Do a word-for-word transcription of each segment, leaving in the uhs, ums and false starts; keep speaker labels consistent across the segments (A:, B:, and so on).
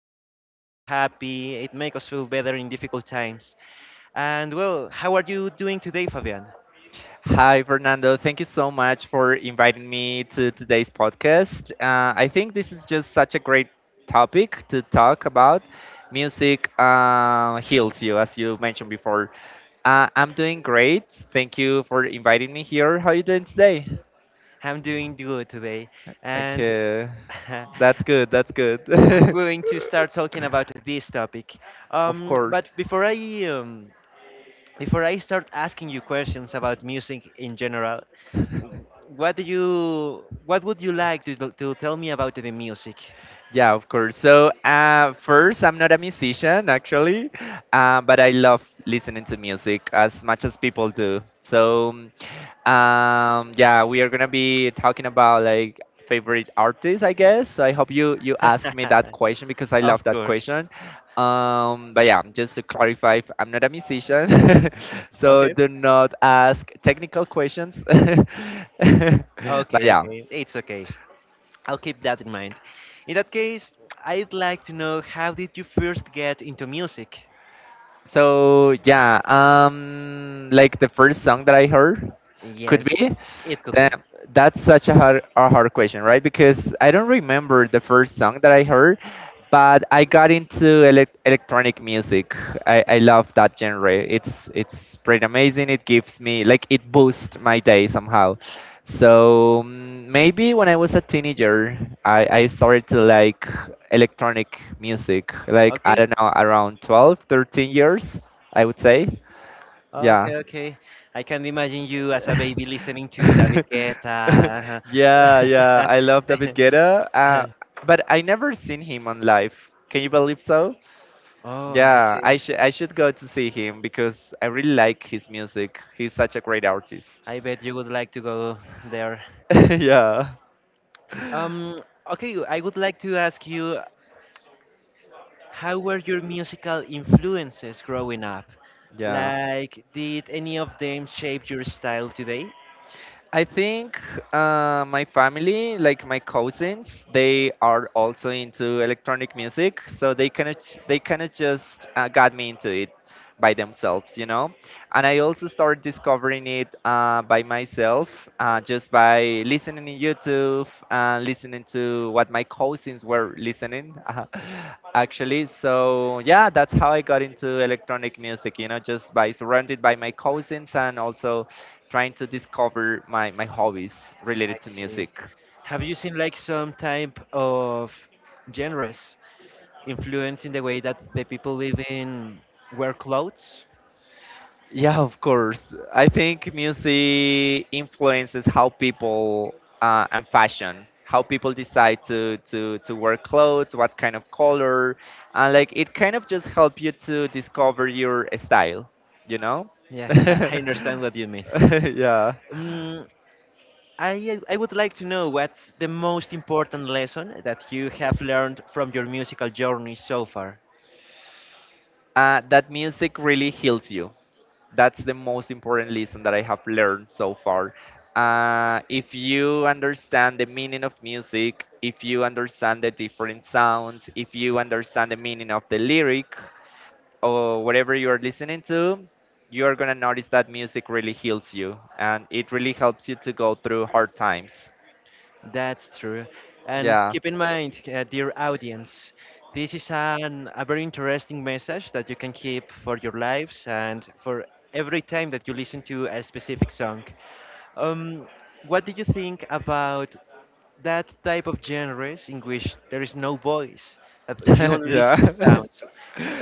A: makes us feel happy. It makes us feel better in difficult times. And well, how are you doing today, Fabian?
B: Hi, Fernando. Thank you so much for inviting me to today's podcast. Uh, I think this is just such a great topic to talk about. Music uh, heals you, as you mentioned before. Uh, I'm doing great. Thank you for inviting me here. How are you doing today?
A: I'm doing good today, and.
B: Okay, that's good. That's good.
A: I'm going to start talking about this topic.
B: of
A: Um, but
B: course.
A: before I um, before I start asking you questions about music in general, w- what do you what would you like to, t- to tell me about the music?
B: Yeah, of course. So, uh, first, I'm not a musician actually, uh, but I love listening to music as much as people do. So, um, yeah, we are gonna be talking about like favorite artists, I guess. So I hope you you ask me that question because I love
A: Of
B: that
A: course.
B: question. Um, but yeah, just to clarify, I'm not a musician, so
A: Okay.
B: do not ask technical questions. but
A: Okay.
B: yeah.
A: Okay. It's okay. I'll keep that in mind. In that case, I'd like to know how did you first get into music?
B: So yeah, um, like the first song that I heard could
A: Yes,
B: be
A: it could be.
B: that that's such a hard, a hard question, right? Because I don't remember the first song that I heard, but I got into elec electronic music. I, I love that genre. It's it's pretty amazing. It gives me like it boosts my day somehow. So mm, maybe when I was a teenager, I, I started to like electronic music. Like I
A: Okay.
B: don't know, around twelve, thirteen years, I would say. Yeah.
A: Okay, okay. I can imagine you as a baby listening to David Guetta.
B: yeah, yeah. I love David Guetta. Uh, but I never seen him on live. Can you believe so?
A: Oh, I
B: Yeah,
A: see.
B: I should I should go to see him because I really like his music. He's such a great artist.
A: I bet you would like to go there.
B: yeah.
A: Um, okay, I would like to ask you, how were your musical influences growing up?
B: Yeah.
A: Like, did any of them shape your style today?
B: I think uh, my family, like my cousins, they are also into electronic music, so they kind of they kind of just uh, got me into it by themselves, you know, and I also started discovering it uh, by myself, uh, just by listening in YouTube and listening to what my cousins were listening, uh, actually. So yeah, that's how I got into electronic music. You know, just by surrounded by my cousins and also trying to discover my my hobbies
A: I
B: related to
A: see.
B: music.
A: Have you seen like some type of genres influencing the way that the people live in wear clothes?
B: Yeah, of course. I think music influences how people uh, and fashion, how people decide to to to wear clothes, what kind of color, and like it kind of just help you to discover your style, you know?
A: Yes, I I understand what you mean.
B: yeah.
A: Um, I uh, I would like to know what's the most important lesson that you have learned from your musical journey so far.
B: Uh, that music really heals you, that's the most important lesson that I have learned so far. Uh, if you understand the meaning of music, if you understand the different sounds, if you understand the meaning of the lyric, or whatever you are listening to, you are gonna notice that music really heals you and it really helps you to go through hard times.
A: That's true. And
B: Yeah.
A: keep in mind, uh, dear audience, this is an, a very interesting message that you can keep for your lives and for every time that you listen to a specific song. Um, what do you think about that type of genres in which there is no voice, that you only listen to
B: yeah.
A: sounds?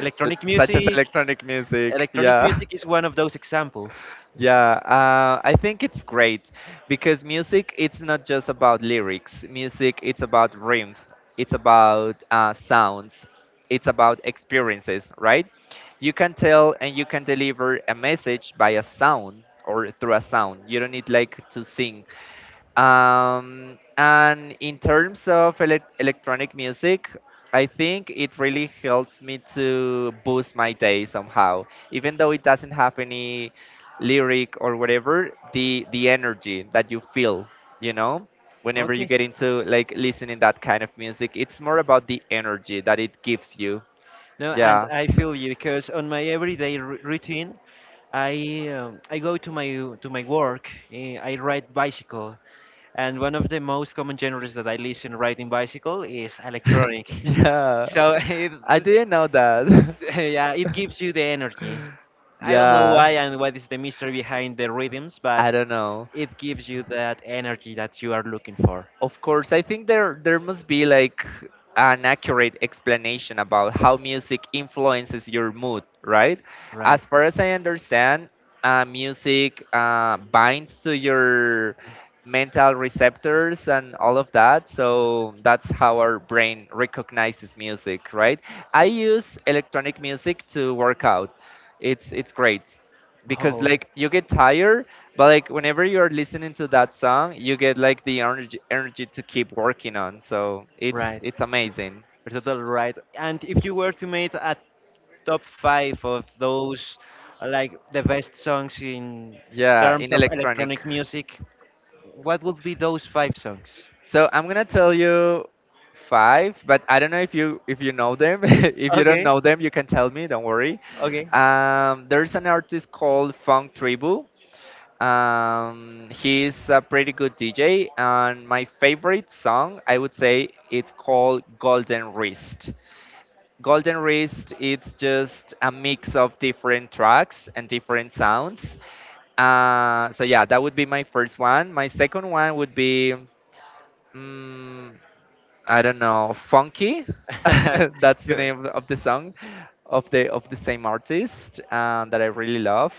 A: Electronic
B: Such as
A: music,
B: electronic music.
A: electronic
B: Yeah.
A: music is one of those examples.
B: Yeah, uh, I think it's great because music it's not just about lyrics. Music it's about rhythm, it's about uh, sounds, it's about experiences, right? You can tell and you can deliver a message by a sound or through a sound. You don't need like to sing um, and in terms of elec electronic music, I think it really helps me to boost my day somehow. Even though it doesn't have any lyric or whatever, the the energy that you feel, you know, whenever you
A: Okay.
B: get into like listening that kind of music, it's more about the energy that it gives you.
A: No, and
B: Yeah.
A: I feel you because on my everyday r- routine, I um, I go to my to my work. eh, I ride bicycle, and one of the most common genres that I listen riding bicycle is electronic.
B: Yeah.
A: So it,
B: I
A: it-
B: didn't know that.
A: yeah, it gives you the energy. I don't know
B: Yeah.
A: why and what is the mystery behind the rhythms,
B: I
A: but
B: don't know.
A: it gives you that energy that you are looking for.
B: Of course, I think there there must be like an accurate explanation about how music influences your mood, right?
A: Right.
B: As far as I understand, uh, music uh, binds to your mental receptors and all of that. So that's how our brain recognizes music, right? I use electronic music to work out. It's it's great because
A: Oh,
B: like you get tired but like whenever you're listening to that song, you get like the energy energy to keep working on. So it's
A: right.
B: it's amazing.
A: You're totally right. And if you were to make a top five of those uh, like the best songs in
B: Yeah,
A: terms
B: in
A: of
B: electronic.
A: electronic music, what would be those five songs?
B: So I'm gonna tell you five, but I don't know if you if you know them. if you don't
A: Okay,
B: know them, you can tell me. Don't worry.
A: okay.
B: Um, there's an artist called Funk Tribu. Um, he's a pretty good D J, and my favorite song I would say it's called Golden Wrist. Golden Wrist it's just a mix of different tracks and different sounds. Uh, so yeah, that would be my first one. My second one would be mm, I don't know, Funky. That's the
A: Do-
B: name of the of the song of the of the same artist uh, that I really love.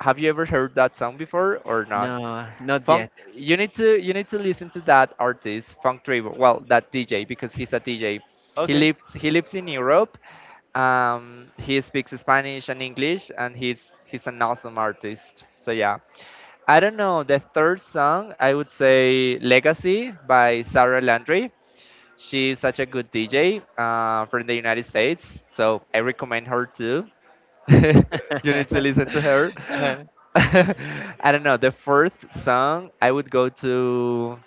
B: Have you ever heard that song before or not?
A: no, not
B: Funk,
A: yet.
B: you need to you need to listen to that artist, Funk Trevor. Well, that D J because he's a D J. He
A: Okay.
B: lives he lives in Europe. Um, he speaks Spanish and English, and he's he's an awesome artist. So yeah, I don't know the third song. I would say "Legacy" by Sarah Landry. She's such a good D J uh, from the United States, so I recommend her too. you need to listen to her.
A: Uh,
B: I don't know. The fourth song, I would go to.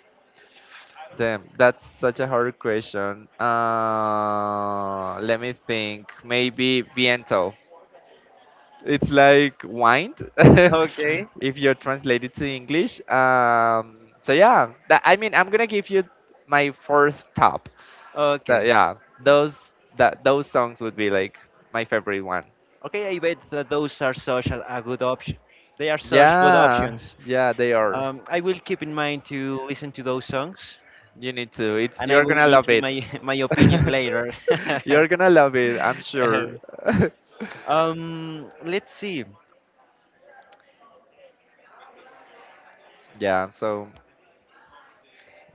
B: Damn, that's such a hard question. Uh, let me think. Maybe Viento. It's like wine,
A: okay,
B: if you translate it to English. Um, so yeah, that, I mean, I'm gonna give you my fourth top. So
A: okay,
B: yeah, those that those songs would be like my favorite one.
A: okay. I bet that those are such a, a good option. They are such good
B: Yeah,
A: options.
B: yeah, they are.
A: Um, I will keep in mind to listen to those songs
B: You need to. It's
A: and I
B: you're
A: will
B: gonna
A: give
B: love
A: you
B: it.
A: my my opinion later.
B: you're gonna love it. I'm sure.
A: um, let's see.
B: yeah. So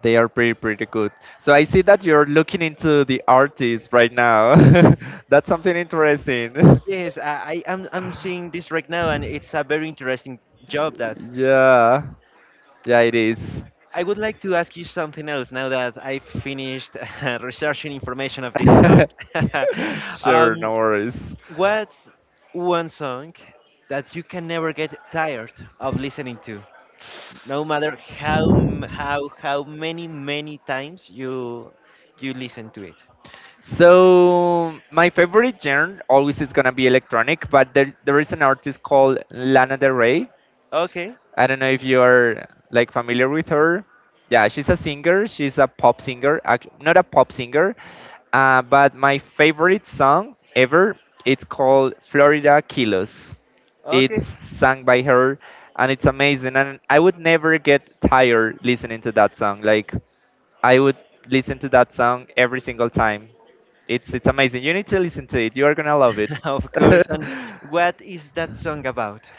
B: they are pretty pretty good. So I see that you're looking into the artist right now. That's something interesting.
A: Yes, I, I am I'm seeing this right now, and it's a very interesting job. That
B: yeah. Yeah, it is.
A: I would like to ask you something else now that I finished researching information of this song.
B: sure,
A: um,
B: no worries.
A: what's one song that you can never get tired of listening to? No matter how m- how how many many times you you listen to it.
B: So my favorite genre always is gonna be electronic, but there there is an artist called Lana Del Rey.
A: Okay.
B: I don't know if you are like familiar with her. Yeah, she's a singer. She's a pop singer, act- Not a pop singer, uh, but my favorite song ever. It's called Florida Kilos.
A: Okay.
B: It's sung by her, and it's amazing. And I would never get tired listening to that song. Like I would listen to that song every single time. It's it's amazing. You need to listen to it. You are gonna love it.
A: Of course. And what is that song about?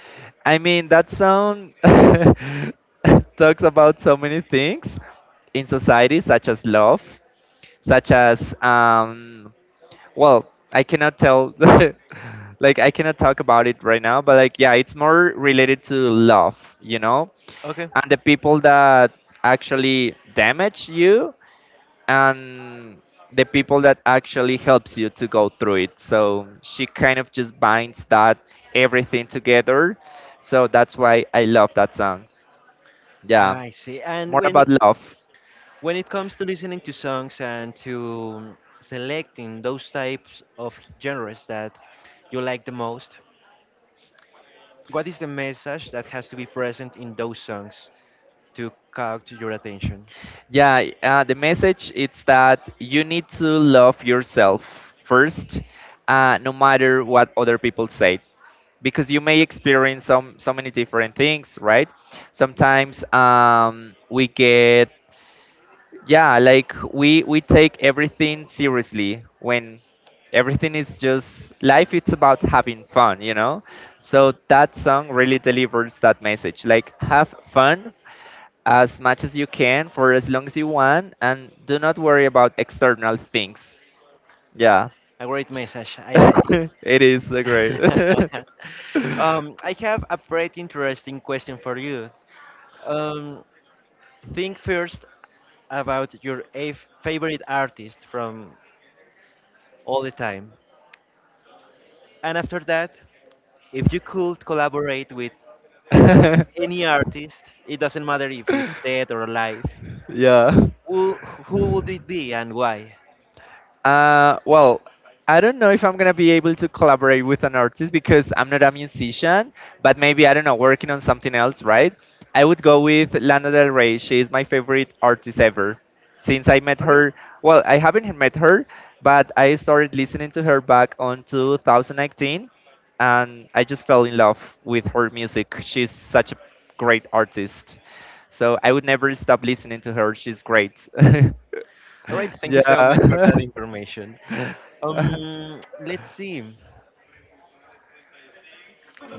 B: I mean, that song talks about so many things in society, such as love, such as, um, well, I cannot tell, like, I cannot talk about it right now, but, like, yeah, it's more related to love, you know?
A: Okay,
B: And the people that actually damage you and the people that actually helps you to go through it. So she kind of just binds that everything together. So that's why I love that song. Yeah,
A: I see. And
B: more
A: when
B: about
A: it,
B: love.
A: when it comes to listening to songs and to um, selecting those types of genres that you like the most, what is the message that has to be present in those songs to catch your attention?
B: Yeah, uh, the message is that you need to love yourself first, uh, no matter what other people say, because you may experience some so many different things, right? Sometimes um, we get yeah, like we we take everything seriously when everything is just life, it's about having fun, you know, so that song really delivers that message, like have fun as much as you can for as long as you want, and do not worry about external things. Yeah.
A: A great message, I like it.
B: it is uh, great.
A: um, I have a pretty interesting question for you. Um, think first about your a favorite artist from all the time. And after that, if you could collaborate with any artist, it doesn't matter if it's dead or alive,
B: yeah.
A: who, who would it be and why?
B: Uh, well, I don't know if I'm gonna be able to collaborate with an artist because I'm not a musician, but maybe I don't know, working on something else, right? I would go with Lana Del Rey. She is my favorite artist ever. Since I met
A: Okay.
B: her, well, I haven't met her, but I started listening to her back on two thousand nineteen, and I just fell in love with her music. She's such a great artist. So I would never stop listening to her. She's great.
A: All right. Thank you so much for
B: yeah.
A: that information. Um, let's see.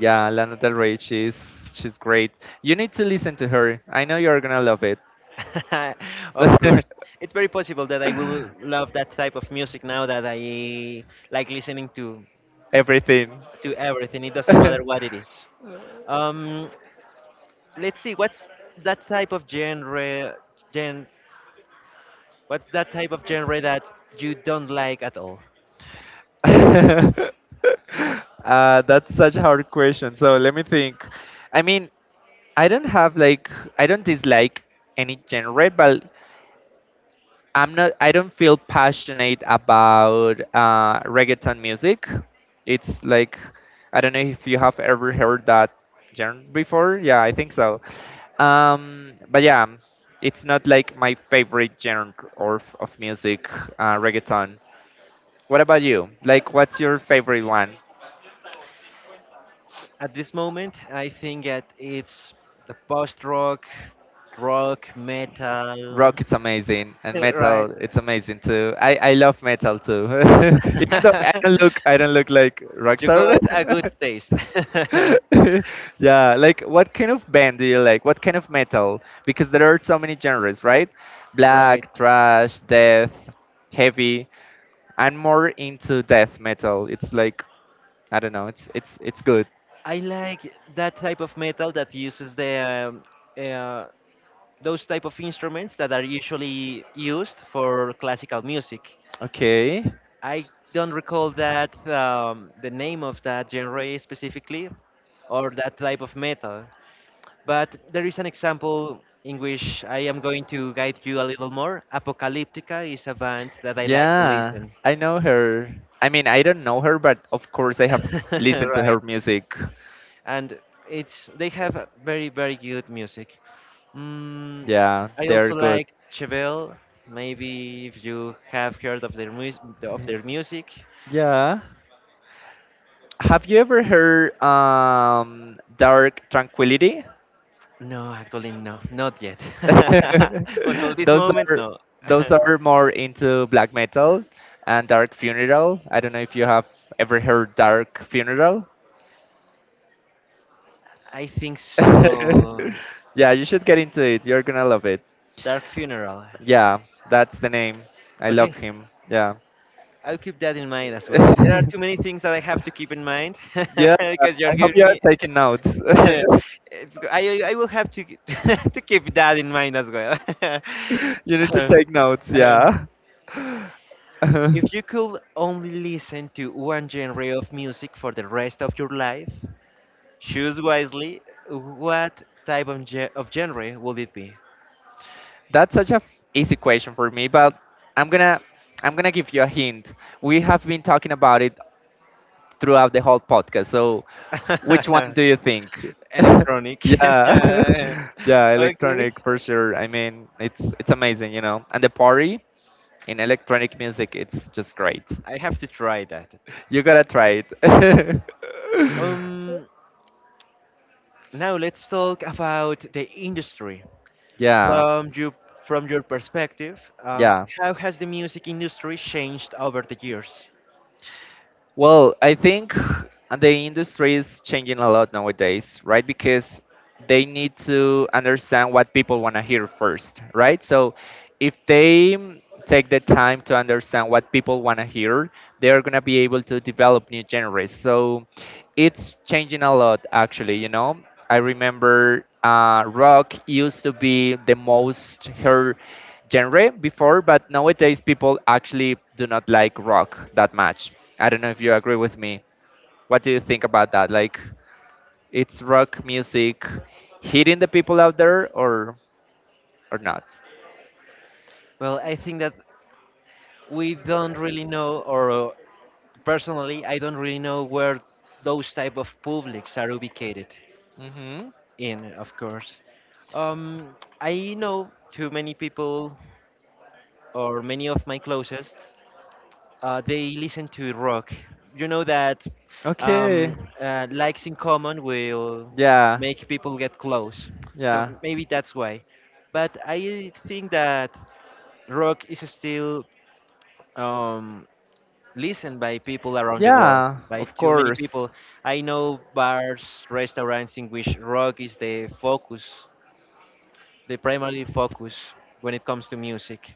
B: yeah, Lana Del Rey, she's she's great. You need to listen to her. I know you're gonna love it.
A: Of course. It's very possible that I will love that type of music now that I like listening to
B: Everything.
A: to everything. It doesn't
B: uh,
A: matter what it is. Um, let's see. What's that type of genre? Gen, what's that type of genre that you don't like at all?
B: that's such a hard question. So let me think. I mean, I don't have like I don't dislike any genre, but I'm not. I don't feel passionate about uh, reggaeton music. It's like I don't know if you have ever heard that genre before. Yeah, I think so. Um, but yeah, it's not like my favorite genre or of music, uh, reggaeton. What about you? Like, what's your favorite one?
A: At this moment, I think that it's the post rock, rock, metal.
B: Rock is amazing and
A: Right.
B: metal it's amazing too, i i love metal too, even though i don't look I don't look like
A: You
B: rockstar.
A: got a good taste.
B: yeah, like what kind of band do you like, what kind of metal, because there are so many genres, right?
A: Right.
B: Black, thrash, death, heavy. I'm more into death metal. It's like I don't know, it's it's it's good.
A: I like that type of metal that uses the um, uh, those type of instruments that are usually used for classical music.
B: Okay.
A: I don't recall that um, the name of that genre specifically, or that type of metal. But there is an example in which I am going to guide you a little more. Apocalyptica is a band that I like to
B: Yeah,
A: listen.
B: I know her. I mean, I don't know her, but of course I have listened to her
A: Right.
B: music.
A: And it's they have a very, very good music. Mm,
B: Yeah,
A: I
B: they're
A: also
B: good.
A: like Chevelle. Maybe if you have heard of their music of their music.
B: Yeah. Have you ever heard um, Dark Tranquility?
A: No, actually no, not yet. Until this
B: those
A: moment,
B: are
A: no.
B: those are more into black metal and Dark Funeral. I don't know if you have ever heard Dark Funeral.
A: I think so.
B: Yeah, you should get into it. You're gonna love it.
A: Dark Funeral.
B: Yeah, that's the name. I love
A: Okay,
B: him. Yeah.
A: I'll keep that in mind as well. There are too many things that I have to keep in mind
B: Yeah,
A: because you're
B: I hope
A: giving
B: you
A: me.
B: are taking notes.
A: It's go- I I will have to k- to keep that in mind as well.
B: You need to
A: Uh,
B: take notes,
A: uh,
B: yeah.
A: If you could only listen to one genre of music for the rest of your life, choose wisely. What type of ge- of genre would it be?
B: That's such a f- easy question for me, but I'm gonna I'm gonna give you a hint. We have been talking about it throughout the whole podcast. So, which one do you think?
A: Electronic.
B: Yeah, yeah,
A: Okay,
B: electronic for sure. I mean, it's it's amazing, you know. And the party in electronic music, it's just great.
A: I have to try that.
B: You gotta try it.
A: Um, Now let's talk about the industry.
B: Yeah.
A: From you, from your perspective, um,
B: Yeah.
A: how has the music industry changed over the years?
B: Well, I think the industry is changing a lot nowadays, right? Because they need to understand what people want to hear first, right? So if they mm, take the time to understand what people want to hear, they're going to be able to develop new genres. So it's changing a lot actually, you know I remember uh, rock used to be the most heard genre before, but nowadays people actually do not like rock that much. I don't know if you agree with me. What do you think about that? Like, it's rock music hitting the people out there or or not.
A: Well, I think that we don't really know, or uh, personally, I don't really know where those type of publics are ubicated
B: Mm-hmm.
A: in, of course. Um, I know too many people, or many of my closest, uh, they listen to rock. You know that
B: Okay.
A: um, uh, likes in common will
B: Yeah,
A: make people get close. So
B: yeah,
A: maybe that's why. But I think that rock is still um, listened by people around the world,
B: yeah,
A: by
B: of
A: too many
B: course.
A: people. I know bars, restaurants in which rock is the focus, the primary focus when it comes to music.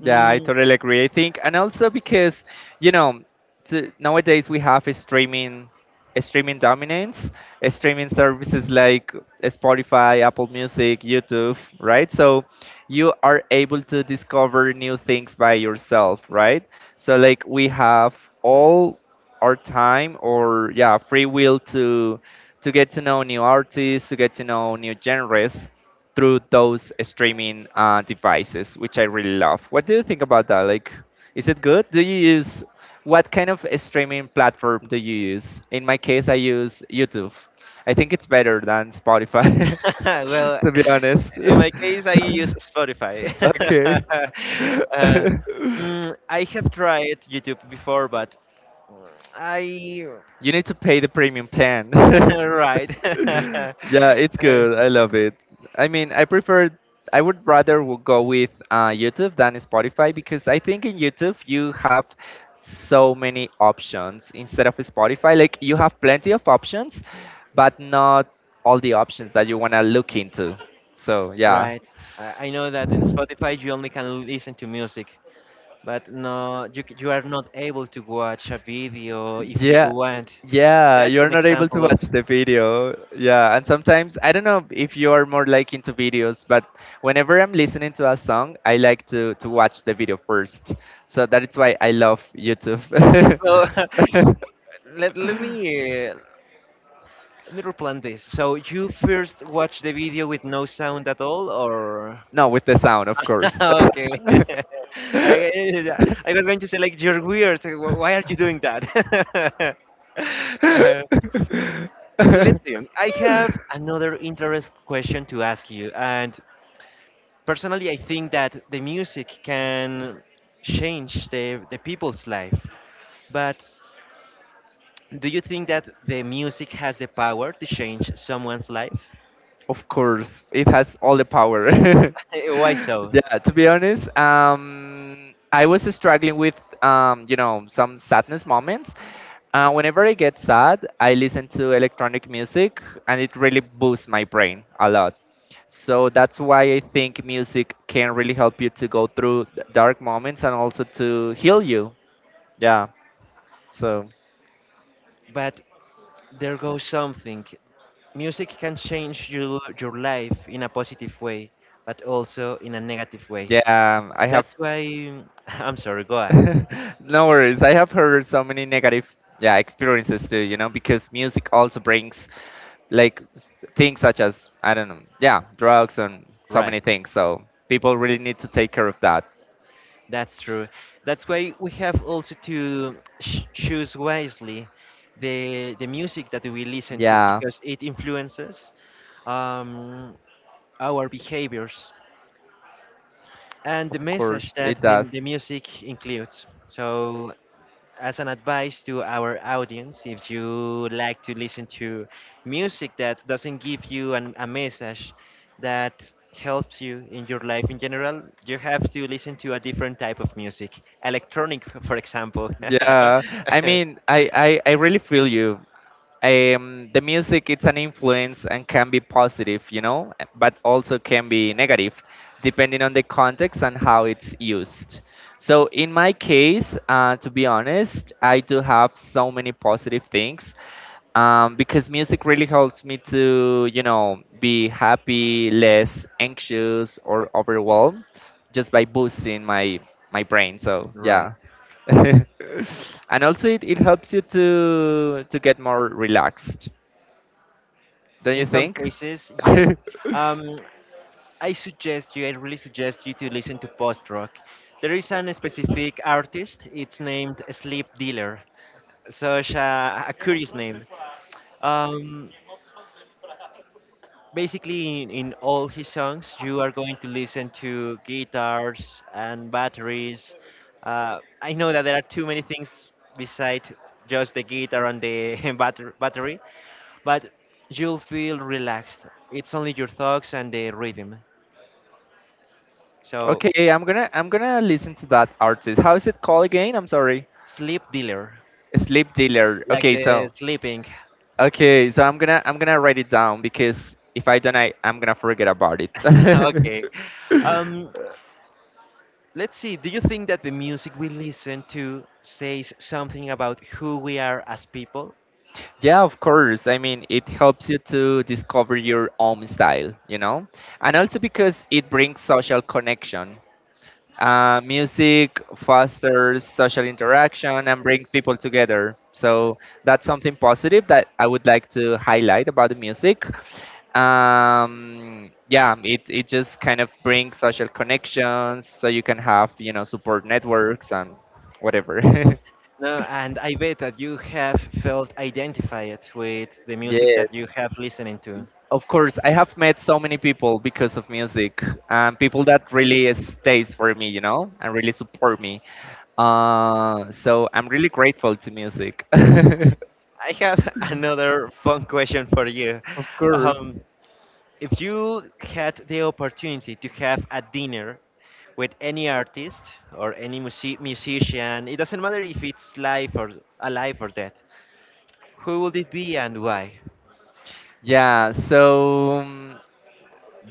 B: Yeah, I
A: Mm,
B: totally agree. I think, and also because you know, t- nowadays we have a streaming, a streaming dominance, a streaming services like Spotify, Apple Music, YouTube, right? So you are able to discover new things by yourself, right? So like we have all our time or yeah, free will to to get to know new artists, to get to know new genres through those streaming uh, devices, which I really love. What do you think about that? Like, is it good? Do you use what kind of streaming platform do you use? In my case, I use YouTube. I think it's better than Spotify,
A: well,
B: to be honest.
A: in my case, I use Spotify.
B: Okay.
A: uh, mm, I have tried YouTube before, but I.
B: You need to pay the premium plan.
A: Right.
B: Yeah, it's
A: Uh,
B: good. I love it. I mean, I prefer. I would rather w- go with uh, YouTube than Spotify because I think in YouTube you have so many options instead of Spotify. Like you have plenty of options, but not all the options that you wanna look into. So yeah.
A: Right. I I know that in Spotify you only can listen to music, but no, you c- you are not able to watch a video if you
B: Yeah,
A: want.
B: yeah,
A: That's
B: you're
A: an
B: not able to
A: example of.
B: watch the video. Yeah, and sometimes I don't know if you are more like into videos, but whenever I'm listening to a song, I like to to watch the video first. So that is why I love YouTube.
A: So let let me uh, let me replant this. So you first watch the video with no sound at all, or
B: No, with the sound, of course.
A: okay. I I was going to say like you're weird. So, Wh- Why are you doing that? Uh, Let's see. um, I have another interest question to ask you, and personally, I think that the music can change the the people's life. But do you think that the music has the power to change someone's life?
B: Of course, it has all the power.
A: Why so?
B: Yeah, to be honest, um, I was struggling with, um, you know, some sadness moments. Uh, whenever I get sad, I listen to electronic music, and it really boosts my brain a lot. So that's why I think music can really help you to go through th- dark moments and also to heal you. Yeah. So
A: But there goes something. Music can change your your life in a positive way, but also in a negative way.
B: yeah, I have.
A: That's why I'm sorry. Go ahead.
B: No worries. I have heard so many negative, yeah, experiences too. You know, because music also brings like s- things such as I don't know, yeah, drugs and so many
A: Right.
B: things. So people really need to take care of that.
A: That's true. That's why we have also to ch- choose wisely the the music that we listen to
B: Yeah,
A: because it influences um, our behaviors and the
B: of
A: message
B: course it
A: that the, the
B: does.
A: music includes. So, as an advice to our audience, if you like to listen to music that doesn't give you an, a message that helps you in your life in general, you have to listen to a different type of music, electronic, f- for example.
B: Yeah, I mean, I I, I really feel you. Um, the music, it's an influence and can be positive, you know but also can be negative, depending on the context and how it's used. So in my case, uh, to be honest, I do have so many positive things, um, because music really helps me to, you know be happy, less anxious or overwhelmed, just by boosting my my brain. So
A: Right.
B: yeah. And also it, it helps you to to get more relaxed, don't you
A: In some
B: think?
A: cases, yes. Um, I suggest you, I really suggest you to listen to post rock. There is an specific artist, it's named Sleep Dealer, such a, a curious name. Um, basically, in, in all his songs, you are going to listen to guitars and batteries. Uh, I know that there are too many things besides just the guitar and the batter- battery, but you'll feel relaxed. It's only your thoughts and the rhythm. So,
B: Okay, i'm gonna i'm gonna listen to that artist. How is it called again? I'm sorry.
A: Sleep Dealer.
B: Sleep Dealer,
A: Like
B: okay.
A: the
B: So
A: sleeping.
B: okay, so i'm gonna i'm gonna write it down, because if I don't, I, I'm gonna forget about it.
A: Okay. Um, let's see. Do you think that the music we listen to says something about who we are as people?
B: Yeah, of course. I mean, it helps you to discover your own style, you know, and also because it brings social connection. Uh, music fosters social interaction and brings people together. So that's something positive that I would like to highlight about the music. Um, yeah, it, it just kind of brings social connections, so you can have, you know, support networks and whatever.
A: No, and I bet that you have felt identified with the music
B: Yes,
A: that you have listening to.
B: of course. I have met so many people because of music, um, people that really stays for me, you know, and really support me. Uh, so I'm really grateful to music.
A: I have another fun question for you.
B: Of course.
A: Um, if you had the opportunity to have a dinner with any artist or any musi- musician, it doesn't matter if it's live or alive or dead. Who would it be and why?
B: Yeah, so um,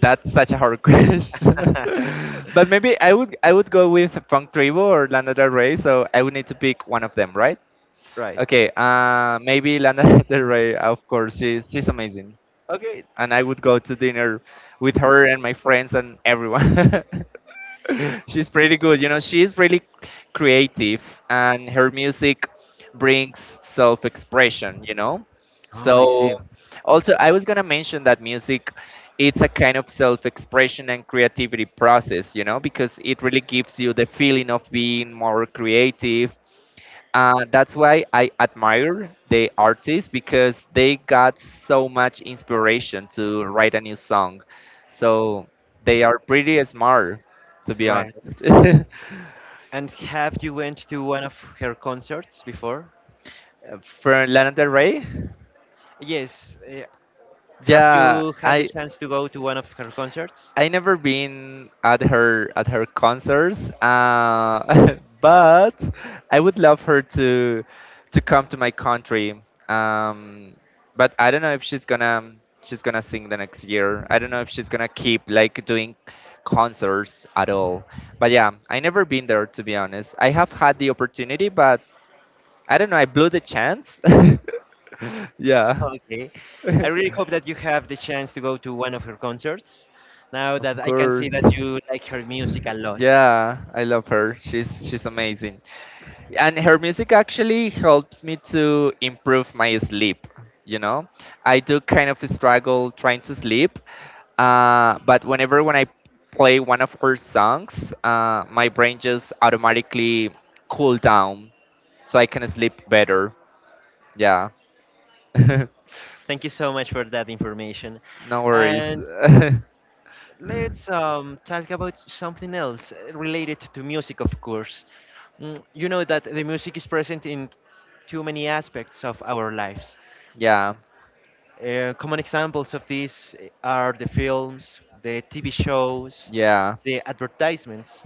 B: that's such a hard question. But maybe I would I would go with Funk Tribu or Lana Del Rey, so I would need to pick one of them, right?
A: Right.
B: Okay, uh, maybe Lana Del Rey, of course. She's she's amazing.
A: Okay.
B: And I would go to dinner with her and my friends and everyone. She's pretty good, you know. She's really creative, and her music brings self-expression, you know.
A: Oh, I see.
B: So, also, I was gonna mention that music, it's a kind of self-expression and creativity process, you know, because it really gives you the feeling of being more creative. Uh, that's why I admire the artists, because they got so much inspiration to write a new song. So they are pretty smart, to be
A: Right.
B: honest.
A: And have you went to one of her concerts before?
B: From Lana Del Rey?
A: Yes. eh, Have
B: Yeah,
A: you had the
B: I
A: chance to go to one of her concerts?
B: I never been at her at her concerts, uh, but I would love her to to come to my country. Um, but I don't know if she's gonna she's gonna sing the next year. I don't know if she's gonna keep like doing concerts at all. But yeah, I never been there, to be honest. I have had the opportunity, but I don't know. I blew the chance. Yeah,
A: Okay. I
B: of
A: really hope that you have the chance to go to one of her concerts. Now that I can see
B: course.
A: that you like her music a lot.
B: Yeah, I love her. She's she's amazing. And her music actually helps me to improve my sleep, you know. I do kind of struggle trying to sleep, uh, but whenever when I play one of her songs, uh, my brain just automatically cool down, so I can sleep better. Yeah. No
A: Thank you so much for that information.
B: worries.
A: And let's um, talk about something else uh, related to music, of course. Mm, you know that the music is present in too many aspects of our lives.
B: Yeah,
A: Uh, common examples of this uh, are the films, the T V shows,
B: yeah,
A: the advertisements.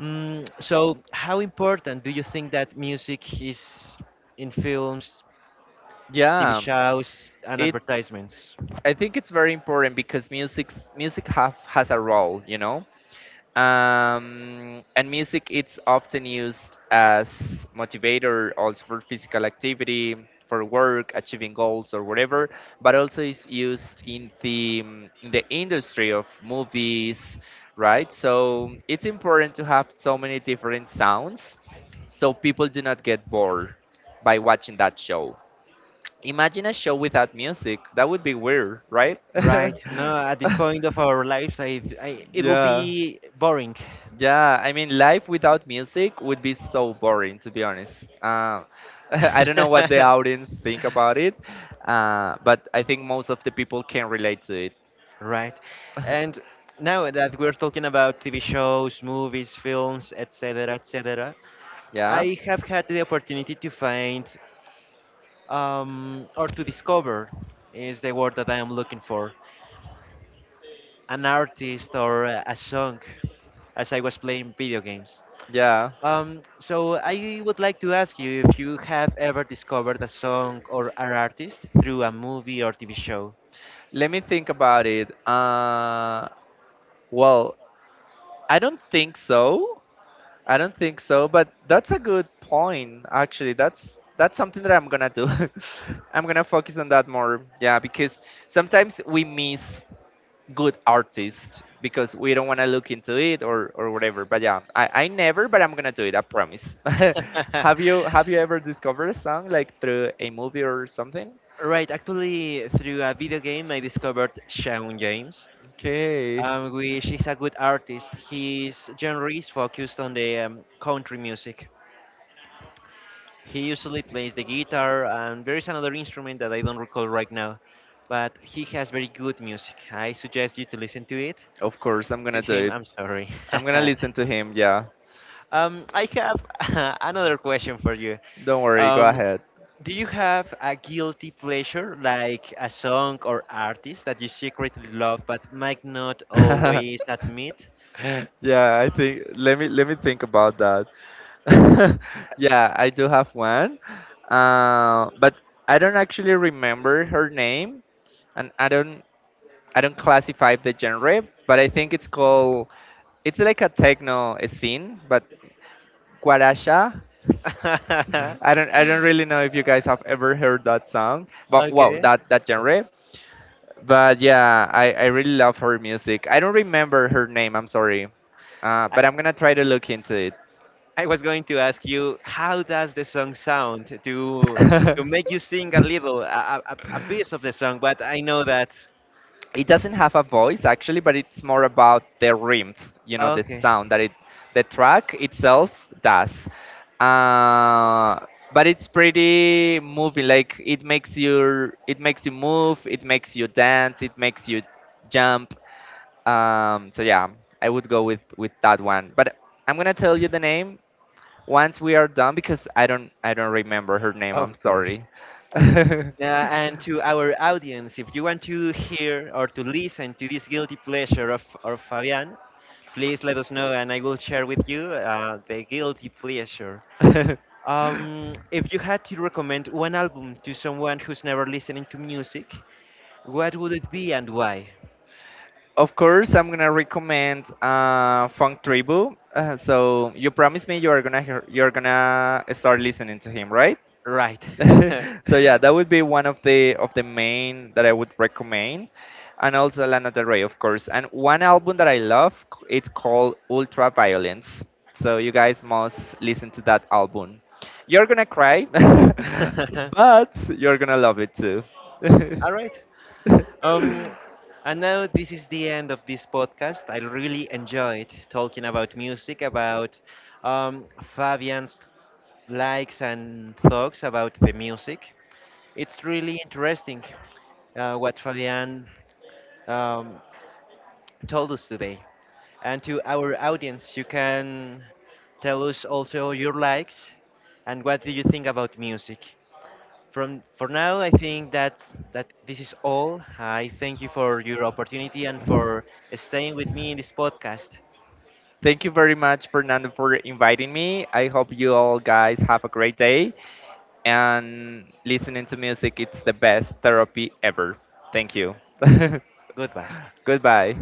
A: Mm, so, how important do you think that music is in films, T V
B: yeah,
A: shows, and
B: it's
A: advertisements?
B: I think it's very important because music's music have has a role, you know. Um, and music, it's often used as motivator also for physical activity, for work, achieving goals or whatever, but also is used in the in the industry of movies, right? So it's important to have so many different sounds so people do not get bored by watching that show. Imagine a show without music. That would be weird, right?
A: Right. No, at this point of our lives, I, I it will
B: Yeah.
A: be boring.
B: Yeah, I mean, life without music would be so boring, to be honest. Uh, I don't know what the audience think about it, uh, but I think most of the people can relate to it.
A: Right. And now that we're talking about T V shows, movies, films, et cetera, et cetera,
B: Yeah,
A: I have had the opportunity to find, um, or to discover is the word that I am looking for, an artist or a a song as I was playing video games.
B: yeah.
A: Um, so I would like to ask you if you have ever discovered a song or an artist through a movie or T V show.
B: Let me think about it. Uh, well, I don't think so. I don't think so, but that's a good point. Actually, that's that's something that I'm gonna do. I'm gonna focus on that more. Yeah, because sometimes we miss good artist because we don't want to look into it or or whatever. But yeah, I, I never, but I'm gonna do it. I promise. have you have you ever discovered a song like through a movie or something?
A: Right, actually, through a video game, I discovered Shaun James,
B: Okay,
A: um, which is a good artist. His genre is focused on the um, country music. He usually plays the guitar, and there is another instrument that I don't recall right now, but he has very good music. I suggest you to listen to it.
B: of course I'm
A: To
B: gonna do
A: him,
B: it.
A: I'm sorry.
B: I'm gonna listen to him. Yeah,
A: Um, I have another question for you.
B: don't worry. Go
A: Um,
B: ahead.
A: do you have a guilty pleasure, like a song or artist that you secretly love but might not always admit?
B: Yeah, I think let me let me think about that. Yeah, I do have one, uh, but I don't actually remember her name, and I don't I don't classify the genre, but I think it's called it's like a techno scene, but guaracha. I don't I don't really know if you guys have ever heard that song, but well,
A: Okay.
B: that that genre. But yeah, I I really love her music. I don't remember her name. I'm sorry, uh,
A: I,
B: but I'm gonna try to look into it.
A: I was going to ask you, how does the song sound to to make you sing a little, a, a, a a piece of the song? But I know that.
B: It doesn't have a voice actually, but it's more about the rhythm, you know, the
A: Okay,
B: sound that it the track itself does, uh, but it's pretty moving. Like it makes you it makes you move, it makes you dance, it makes you jump, um, so yeah, I would go with with that one, but I'm gonna tell you the name once we are done, because i don't i don't remember her name.
A: of
B: I'm
A: course.
B: sorry.
A: Uh, and to our audience, if you want to hear or to listen to this guilty pleasure of, of Fabian, please let us know and I will share with you uh, the guilty pleasure. Um, if you had to recommend one album to someone who's never listening to music, what would it be and why?
B: Of course, I'm gonna recommend uh, Funk Tribu. Uh, so you promised me you are gonna hear, you're gonna start listening to him, right?
A: Right.
B: So yeah, that would be one of the of the main that I would recommend, and also Lana Del Rey, of course. And one album that I love, c- it's called Ultra Violence. So you guys must listen to that album. You're gonna cry, but you're gonna love it too.
A: All right. Um, and now this is the end of this podcast. I really enjoyed talking about music, about um, Fabian's likes and thoughts about the music. It's really interesting uh, what Fabian um, told us today. And to our audience, you can tell us also your likes and what do you think about music. From for now, I think that that this is all. I thank you for your opportunity and for staying with me in this podcast.
B: Thank you very much, Fernando, for inviting me. I hope you all guys have a great day. And listening to music, it's the best therapy ever. Thank you.
A: Goodbye.
B: Goodbye.